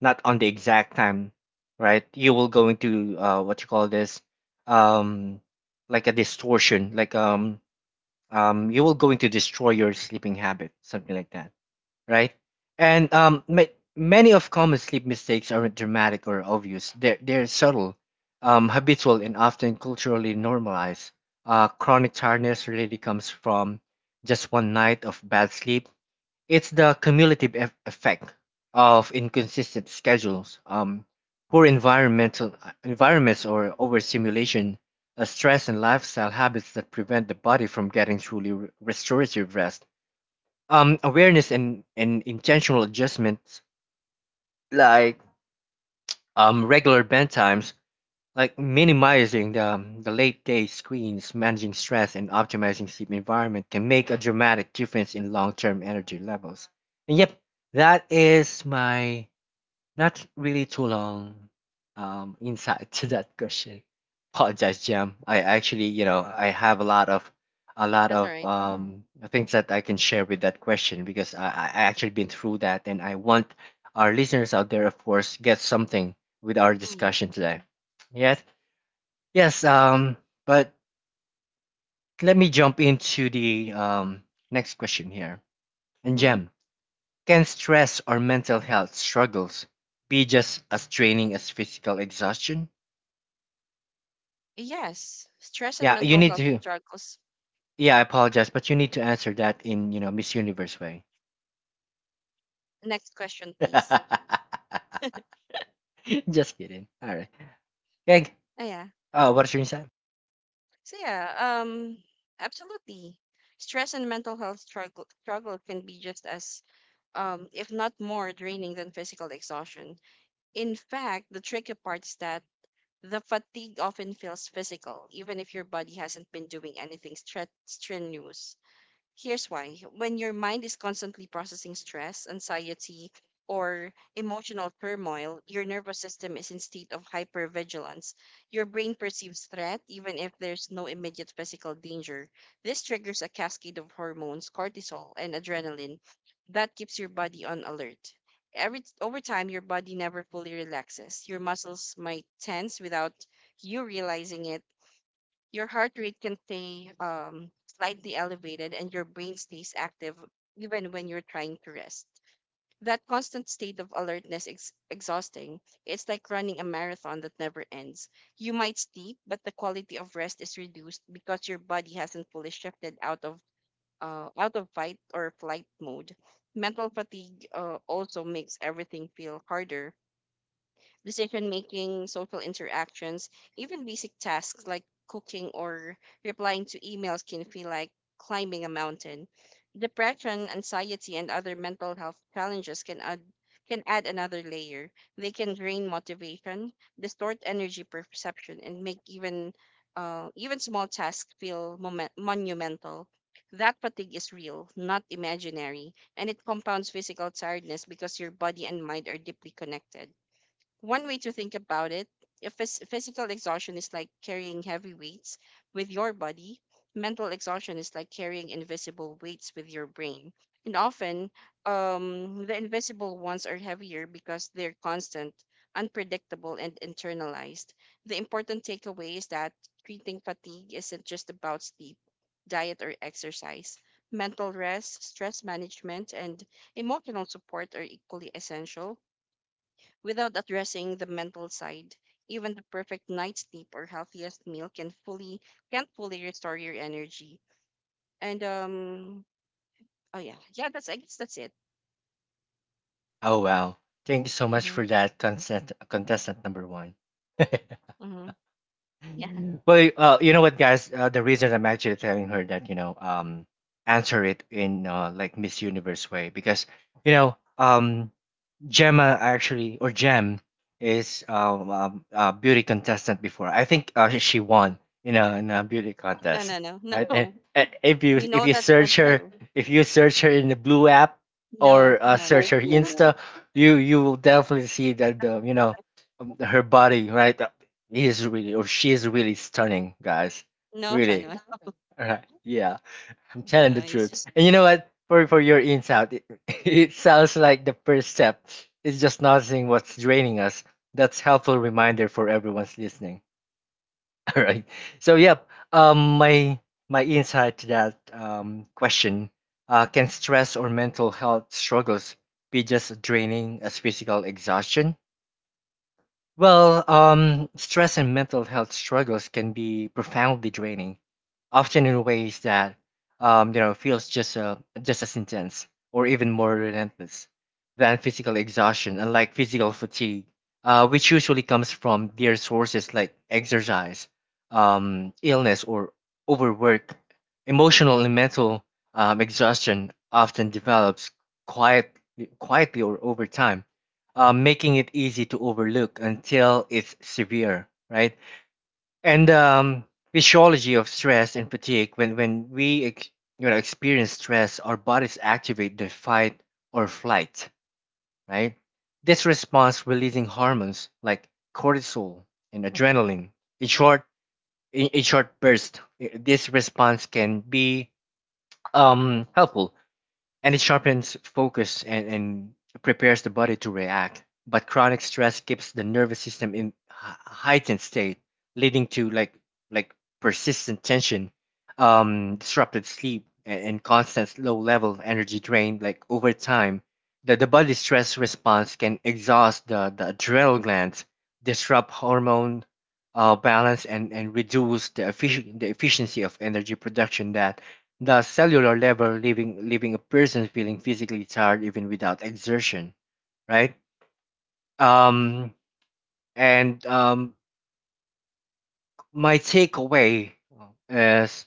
not on the exact time, right? You will go into uh what you call this, um like a distortion, like um um you will going to destroy your sleeping habit, something like that, right? And um, ma- many of common sleep mistakes aren't dramatic or obvious. They're they're subtle, um, habitual, and often culturally normalized. Uh, chronic tiredness really comes from just one night of bad sleep. It's the cumulative eff effect of inconsistent schedules, um, poor environmental environments, or overstimulation, uh, stress, and lifestyle habits that prevent the body from getting truly re- restorative rest. Um, awareness and and intentional adjustments, like um regular bedtimes, like minimizing the, um, the late day screens, managing stress, and optimizing sleep environment can make a dramatic difference in long-term energy levels. And yep, that is my, not really too long, um, insight to that question. Apologize, Jam. I actually, you know, I have a lot of, a lot
That's all
of
right.
um, things that I can share with that question, because I, I I actually been through that, and I want our listeners out there, of course, get something with our
Mm.
discussion today. Yes, yes. Um, but let me jump into the um, next question here. And
Mm-hmm.
Jam, can stress or mental health struggles be just as draining as physical exhaustion?
Yes. Stress and
Yeah, you
mental
need
health
to.
struggles.
Yeah, I apologize, but you need to answer that in you know Miss Universe way.
Next question, please.
Just kidding. All right. Thank.
Oh, yeah.
Oh, what's your insight?
So yeah, um, Absolutely. Stress and mental health struggle struggle can be just as, um, if not more draining than physical exhaustion. In fact, the tricky part is that the fatigue often feels physical, even if your body hasn't been doing anything stre strenuous. Here's why. When your mind is constantly processing stress, anxiety, or emotional turmoil, your nervous system is in state of hypervigilance. Your brain perceives threat even if there's no immediate physical danger. This triggers a cascade of hormones, cortisol, and adrenaline that keeps your body on alert. Every Over time your body never fully relaxes. Your muscles might tense without you realizing it, your heart rate can stay um, slightly elevated and your brain stays active even when you're trying to rest. That constant state of alertness is exhausting. It's like running a marathon that never ends. You might sleep, but the quality of rest is reduced because your body hasn't fully shifted out of uh, out of fight or flight mode. Mental fatigue uh, also makes everything feel harder: decision making, social interactions, even basic tasks like cooking or replying to emails can feel like climbing a mountain. Depression, anxiety, and other mental health challenges can add can add another layer. They can drain motivation, distort energy perception, and make even uh, even small tasks feel momen- monumental. That fatigue is real, not imaginary, and it compounds physical tiredness because your body and mind are deeply connected. One way to think about it, if phys- physical exhaustion is like carrying heavy weights with your body, mental exhaustion is like carrying invisible weights with your brain. And often, um, the invisible ones are heavier because they're constant, unpredictable, and internalized. The important takeaway is that treating fatigue isn't just about sleep, diet, or exercise. Mental rest, stress management, and emotional support are equally essential. Without addressing the mental side, even the perfect night's sleep or healthiest meal can fully can't fully restore your energy. And um, oh yeah, yeah, that's I guess that's it.
Oh wow. Thank you so much
Mm-hmm,
for that contestant, contestant number one.
mm-hmm, yeah.
Well, uh, you know what, guys? Uh, the reason I'm actually telling her that you know um answer it in uh, like Miss Universe way, because you know um Gemma actually, or Gem, is um, um a beauty contestant before. I think uh, she won in a in a beauty
No,
contest.
no, no,
Right?
no.
And, and if you
We
if
know
you
that's not
search her,
true.
if you search her in the blue app or
No,
uh,
no,
search her
no,
Insta, you you will definitely see that the you know um, her body, right. uh, He is really, or she is really stunning, guys.
no, no,
Really.
no.
All right. Yeah. I'm telling
No,
the
it's
truth.
just
And you know what? For for your insight, it, it sounds like the first step is just noticing what's draining us. That's helpful reminder for everyone's listening. All right. So yep. Um, my, my insight to that um question. Uh, can stress or mental health struggles be just draining as physical exhaustion? Well, um, stress and mental health struggles can be profoundly draining, often in ways that um, you know feels just uh, just as intense or even more relentless than physical exhaustion. Unlike physical fatigue, uh, which usually comes from their sources like exercise, um, illness, or overwork, emotional and mental um, exhaustion often develops quiet, quietly or over time, uh, making it easy to overlook until it's severe, right? And um, physiology of stress and fatigue. When when we ex- you know experience stress, our bodies activate the fight or flight, right? This response releasing hormones like cortisol and adrenaline. In short, in, in short burst, i- this response can be um helpful, and it sharpens focus and, and prepares the body to react. But chronic stress keeps the nervous system in hei- heightened state, leading to like like persistent tension, um, disrupted sleep, and, and constant low level of energy drain. Like over time, the, the body stress response can exhaust the, the adrenal glands, disrupt hormone uh, balance, and, and reduce the, effic- the efficiency of energy production that the cellular level, leaving leaving a person feeling physically tired even without exertion, right. um and um My takeaway is,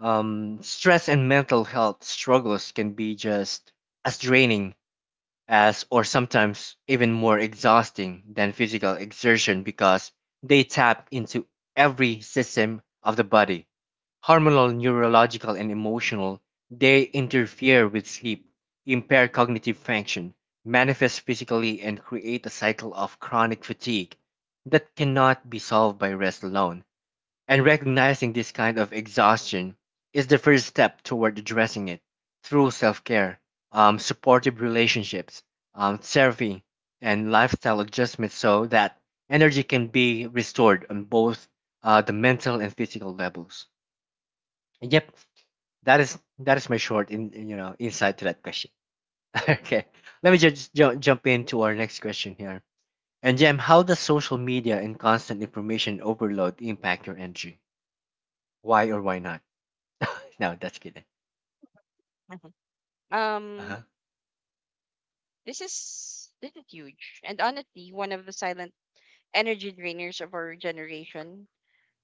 um stress and mental health struggles can be just as draining as, or sometimes even more exhausting than, physical exertion, because they tap into every system of the body. Hormonal, neurological, and emotional, they interfere with sleep, impair cognitive function, manifest physically, and create a cycle of chronic fatigue that cannot be solved by rest alone. And recognizing this kind of exhaustion is the first step toward addressing it through self care, um, supportive relationships, um, therapy, and lifestyle adjustments so that energy can be restored on both uh, the mental and physical levels. Yep. That is that is my short in in, you know insight to that question. Okay, let me just jump jump into our next question here. And Jem, how does social media and constant information overload impact your energy? Why or why not? No, that's kidding. Uh
um
huh.
this is this is huge. And honestly, one of the silent energy drainers of our generation.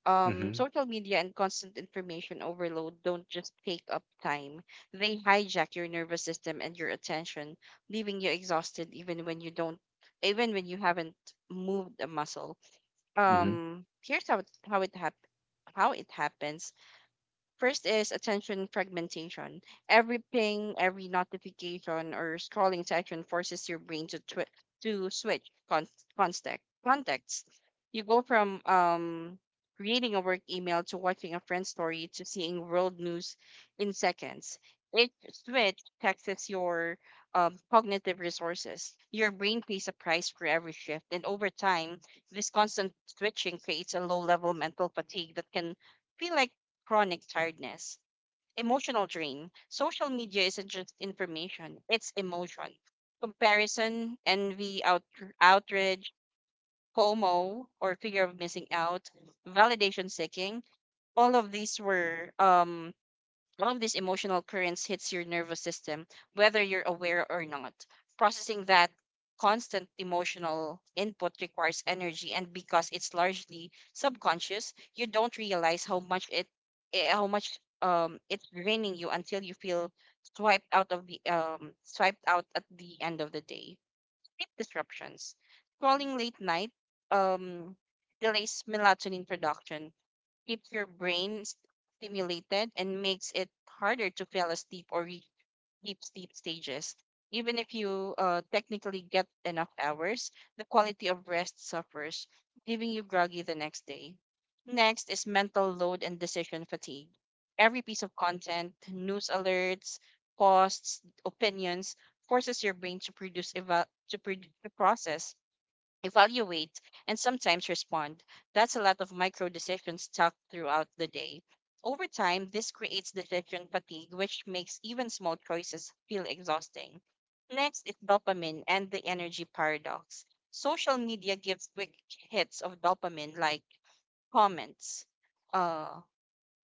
um,
Mhm.
Social media and constant information overload don't just take up time, they hijack your nervous system and your attention, leaving you exhausted even when you don't even when you haven't moved a muscle.
Mhm.
Um, here's how it, how it hap- how it happens. First is attention fragmentation. Every ping, every notification, or scrolling section forces your brain to twi- to switch con- context. Context. You go from um reading a work email to watching a friend's story to seeing world news in seconds. Each switch taxes your um, cognitive resources. Your brain pays a price for every shift, and over time, this constant switching creates a low-level mental fatigue that can feel like chronic tiredness, emotional drain. Social media isn't just information, it's emotion. Comparison, envy, out- outrage, FOMO, or fear of missing out, validation seeking. All of these were um, all of these emotional currents hits your nervous system, whether you're aware or not. Processing that constant emotional input requires energy, and because it's largely subconscious, you don't realize how much it, eh, how much um it's draining you until you feel swiped out of the um swiped out at the end of the day. Sleep disruptions, scrolling late night, um delays melatonin production, keeps your brain s- stimulated and makes it harder to fall asleep or reach deep sleep stages. Even if you uh, technically get enough hours, the quality of rest suffers, leaving you groggy the next day. Next is mental load and decision fatigue. Every piece of content, news alerts, posts, opinions forces your brain to produce eva- to, pro- to process, evaluate, and sometimes respond. That's a lot of micro decisions tucked throughout the day. Over time, this creates decision fatigue, which makes even small choices feel exhausting. Next is dopamine and the energy paradox. Social media gives quick hits of dopamine, like comments. Uh,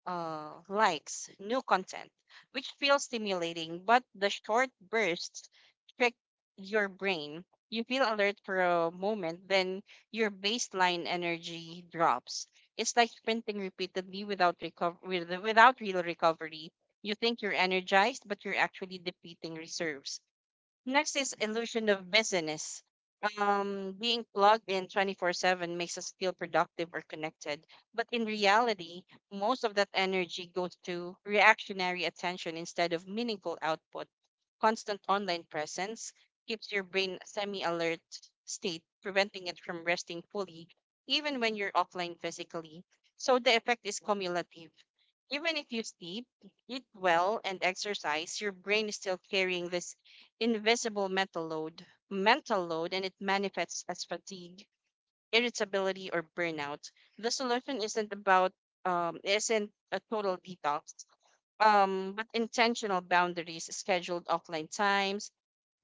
uh, Likes, new content, which feels stimulating, but the short bursts trick your brain. You feel alert for a moment, then your baseline energy drops. It's like sprinting repeatedly without recover with, without real recovery. You think you're energized, but you're actually depleting reserves. Next is illusion of busyness. Um, being plugged in twenty-four seven makes us feel productive or connected, but in reality, most of that energy goes to reactionary attention instead of meaningful output. Constant online presence keeps your brain semi-alert state, preventing it from resting fully, even when you're offline physically. So the effect is cumulative. Even if you sleep, eat well, and exercise, your brain is still carrying this invisible mental load, mental load, and it manifests as fatigue, irritability, or burnout. The solution isn't about um, isn't a total detox, um, but intentional boundaries, scheduled offline times,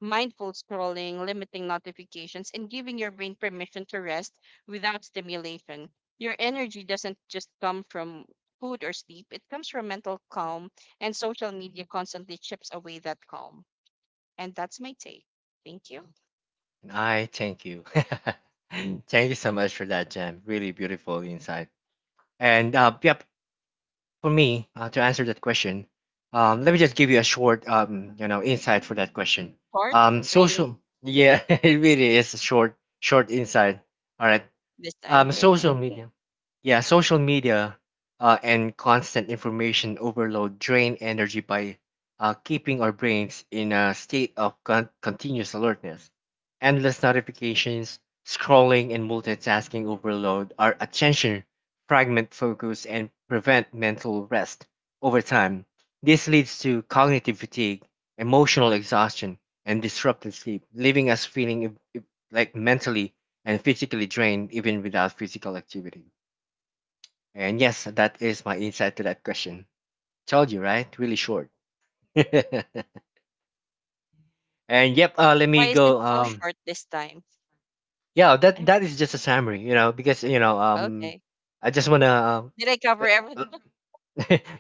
mindful scrolling, limiting notifications, and giving your brain permission to rest without stimulation. Your energy doesn't just come from food or sleep; it comes from mental calm, and social media constantly chips away that calm. And that's my take. Thank you.
And I thank you. Thank you so much for that, Jem. Really beautiful insight. And uh, yep, for me, uh, to answer that question, um, let me just give you a short um, you know insight for that question,
Short,
um,
really,
social yeah. It really is a short short insight. All right.
this time.
Um,
Okay.
social media. Yeah, social media uh, and constant information overload drain energy by uh, keeping our brains in a state of con- continuous alertness. Endless notifications, scrolling, and multitasking overload our attention, fragment focus, and prevent mental rest over time. This leads to cognitive fatigue, emotional exhaustion, and disrupted sleep, leaving us feeling e- e- like mentally and physically drained even without physical activity. And yes, that is my insight to that question. Told you, right? Really short. And yep, uh, let
Why
me
is it
go.
so
Um,
short this time?
yeah, that that is just a summary, you know, because you know, um,
Okay.
I just wanna,
Did I
uh,
cover everything?
uh,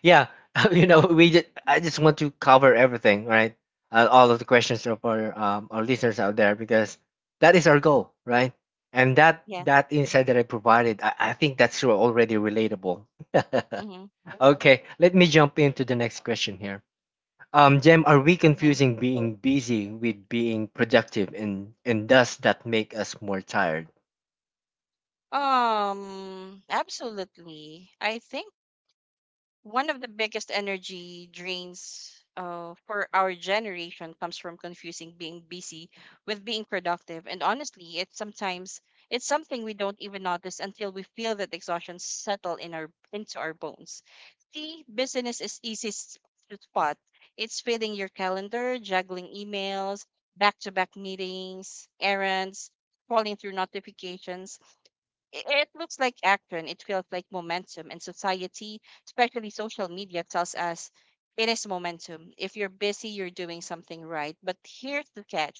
yeah, you know, we just, I just want to cover everything, right? Uh, all of the questions of our um, our listeners out there, because that is our goal, right? And that
Yeah.
that insight that I provided, I, I think that's already relatable.
Mm-hmm.
Okay, let me jump into the next question here. Um, Jem, are we
Mm-hmm.
confusing being busy with being productive, and and does that make us more tired?
Um, absolutely. I think one of the biggest energy drains uh, for our generation comes from confusing being busy with being productive, and honestly it's sometimes it's something we don't even notice until we feel that exhaustion settle in our into our bones. See, business is easy s- to spot. It's filling your calendar, juggling emails, back-to-back meetings, errands, scrolling through notifications. I- it looks like action, it feels like momentum, and society, especially social media, tells us it is momentum. If you're busy, you're doing something right. But here's the catch: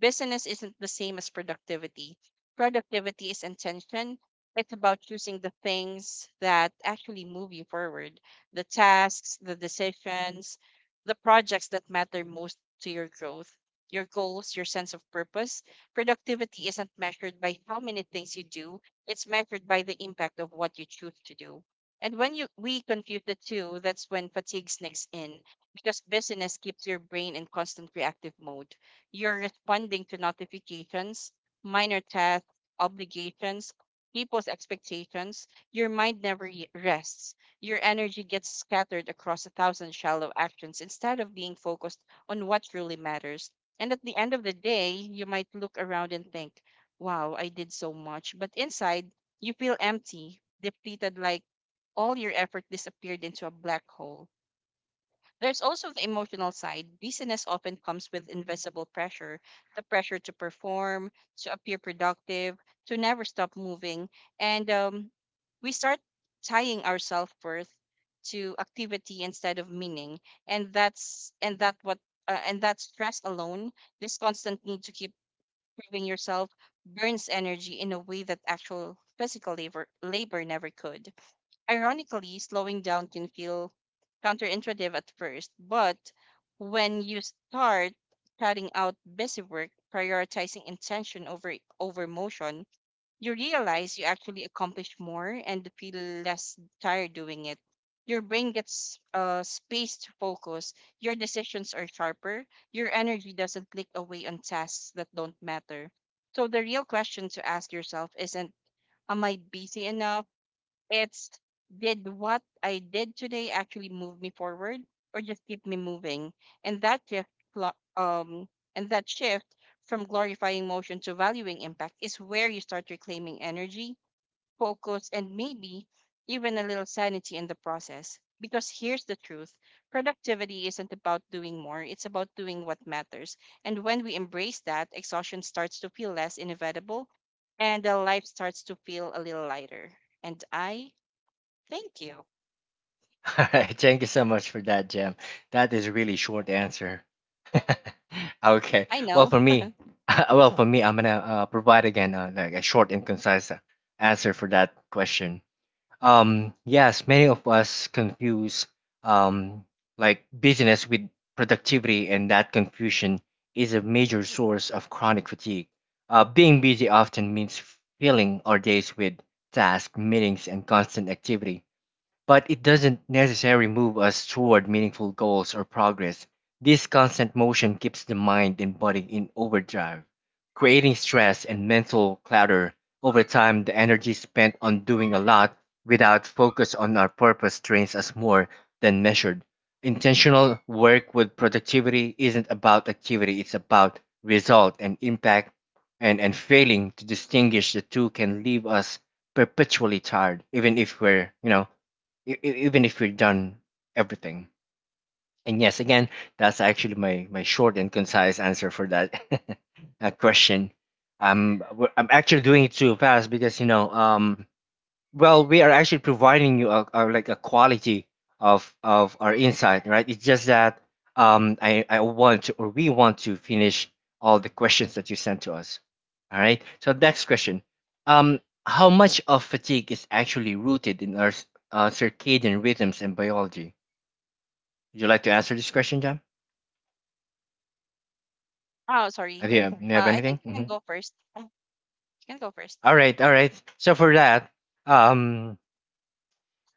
business isn't the same as productivity. Productivity is intention, it's about choosing the things that actually move you forward: the tasks, the decisions, the projects that matter most to your growth. Your goals, your sense of purpose. Productivity isn't measured by how many things you do, it's measured by the impact of what you choose to do. And when you we confuse the two, that's when fatigue sneaks in because busyness keeps your brain in constant reactive mode. You're responding to notifications, minor tasks, obligations, people's expectations. Your mind never y- rests. Your energy gets scattered across a thousand shallow actions instead of being focused on what truly matters. And at the end of the day, you might look around and think, wow, I did so much. But inside, you feel empty, depleted, like all your effort disappeared into a black hole. There's also the emotional side. Busyness often comes with invisible pressure, the pressure to perform, to appear productive, to never stop moving. And um, we start tying our self worth to activity instead of meaning, and that's and that what uh, and that stress alone, this constant need to keep proving yourself, burns energy in a way that actual physical labor, labor never could. Ironically, slowing down can feel counterintuitive at first, but when you start cutting out busy work, prioritizing intention over over motion, you realize you actually accomplish more and feel less tired doing it. Your brain gets uh, space to focus, your decisions are sharper, your energy doesn't click away on tasks that don't matter. So, the real question to ask yourself isn't, am I busy enough? It's did what I did today actually move me forward or just keep me moving? And that shift, flo- um, and that shift from glorifying motion to valuing impact is where you start reclaiming energy, focus, and maybe even a little sanity in the process. Because here's the truth: productivity isn't about doing more, it's about doing what matters. And when we embrace that, exhaustion starts to feel less inevitable and the life starts to feel a little lighter. And I thank you.
All right, thank you so much for that, Jem. That is really short answer. Okay,
I
well
know.
for me, well for me, I'm gonna uh, provide again, uh, like a short and concise uh, answer for that question. Um, yes, many of us confuse um, like busyness with productivity, and that confusion is a major source of chronic fatigue. Uh, being busy often means filling our days with tasks, meetings, and constant activity, but it doesn't necessarily move us toward meaningful goals or progress. This constant motion keeps the mind and body in overdrive, creating stress and mental clutter. Over time, the energy spent on doing a lot without focus on our purpose drains us more than measured. Intentional work with productivity isn't about activity, it's about result and impact, and, and failing to distinguish the two can leave us perpetually tired, even if we're, you know, e- e- even if we've done everything. And yes, again, that's actually my my short and concise answer for that uh, question. Um, w- I'm actually doing it too fast because you know, um, well, we are actually providing you a, a like a quality of of our insight, right? It's just that um I I want to, or we want to finish all the questions that you sent to us. All right. So next question. Um, how much of fatigue is actually rooted in our s- uh, circadian rhythms and biology? Would you like to answer this question, Jam?
Oh,
Do
sorry.
you have, do you have
Uh, I
anything?
think you can
Mhm.
go first. Uh, You can go first.
All right, all right. So for that, um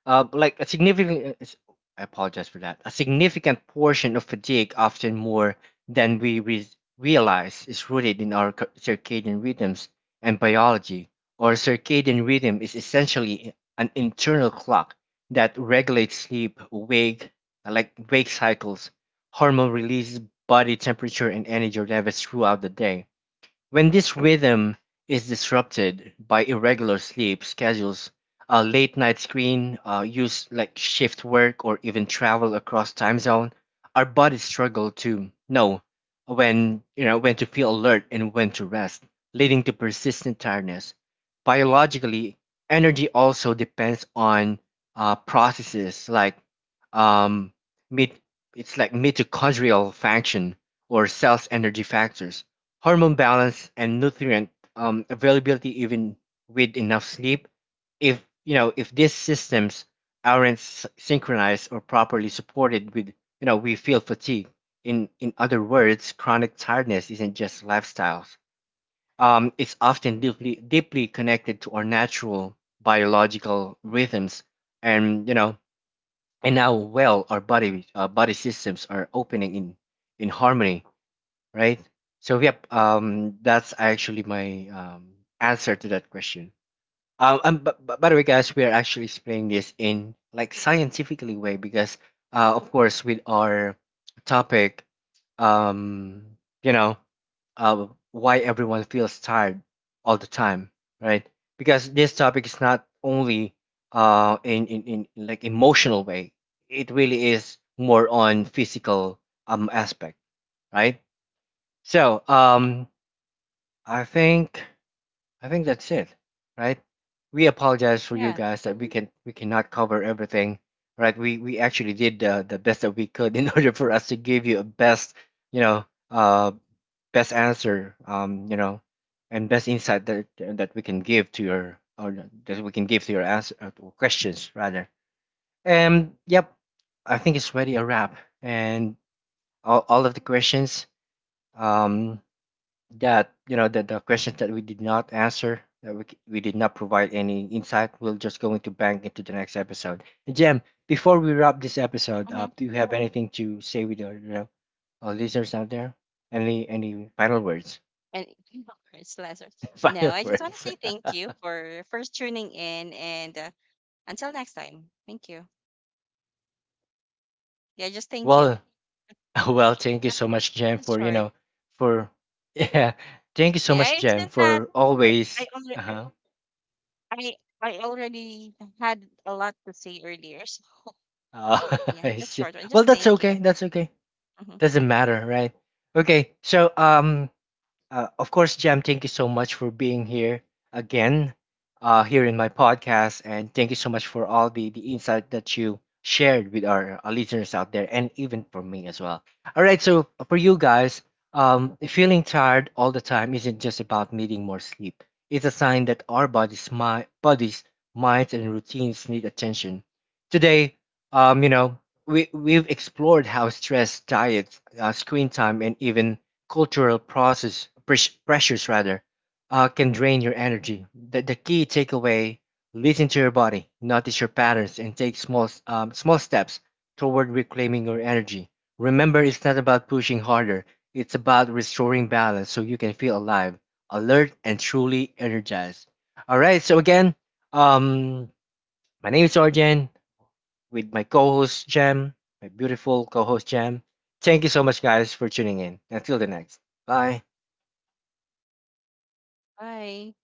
Uh, like a significant, is- I apologize for that. A significant portion of fatigue, often more than we re- realize, is rooted in our cir- circadian rhythms and biology. Our circadian rhythm is essentially an internal clock that regulates sleep, wake, like wake cycles, hormone release, body temperature, and energy levels throughout the day. When this rhythm is disrupted by irregular sleep schedules, uh, late night screen uh, use, like shift work or even travel across time zone, our bodies struggle to know when you know when to feel alert and when to rest, leading to persistent tiredness. Biologically, energy also depends on uh, processes like um, mit- it's like mitochondrial function or cells energy factors, hormone balance, and nutrient um, availability. Even with enough sleep, if you know if these systems aren't s- synchronized or properly supported, with you know we feel fatigue. In, in other words, chronic tiredness isn't just lifestyles, um, it's often deeply deeply connected to our natural biological rhythms, and you know and how well our body, uh, body systems are opening in in harmony, right? So yep, um, that's actually my um, answer to that question. Um, and b- b- by the way, guys, we are actually explaining this in like scientifically way because, uh, of course, with our topic, um, you know, uh, why everyone feels tired all the time, right? Because this topic is not only uh in in, in like emotional way, it really is more on physical um aspect, right? So, um, I think I think that's it, right? We apologize for you
Yeah.
guys that we can we cannot cover everything, right? We we actually did the the best that we could in order for us to give you a best, you know, uh, best answer, um, you know, and best insight that that we can give to your, or that we can give to your answer, uh, questions rather. And yep, I think it's already a wrap, and all all of the questions, um, that, you know that the questions that we did not answer, that we, c- we did not provide any insight, we'll just going to bank into the next episode. And Jem,
Yeah.
before we wrap this episode
Mm-hmm.
up, do you have anything to say with our, you know, our listeners out there, any any final words?
And you can go first, Lazarus. No,
Final
I just want to
words.
say thank you for first tuning in, and uh, until next time, thank you. Yeah, just thank you.
Well, well thank you so much, Jem,
It's
for you
short.
know, for yeah, thank you so
Yeah,
much,
it's
Jem,
just that
for
I
always.
already
Uh-huh.
I I already had a lot to say earlier, so
Oh,
yeah,
I
just
see.
short one.
Well,
Just
that's
thank you.
okay, that's okay.
Hmm.
Doesn't matter, right? Okay, so um, Uh, of course, Jam, thank you so much for being here again, uh, here in my podcast, and thank you so much for all the the insight that you shared with our uh, listeners out there, and even for me as well. All right, so uh, for you guys, um, feeling tired all the time isn't just about needing more sleep. It's a sign that our bodies, my bodies, minds, and routines need attention. Today, um, you know, we we've explored how stress, diet, uh, screen time, and even cultural process pres- pressures rather, uh, can drain your energy. the, the key takeaway: listen to your body, notice your patterns, and take small um, small steps toward reclaiming your energy. Remember, it's not about pushing harder, it's about restoring balance so you can feel alive, alert, and truly energized. All right, so again, um my name is Arjen, with my co-host Jem, my beautiful co-host Jem. Thank you so much, guys, for tuning in until the next. Bye.
Bye.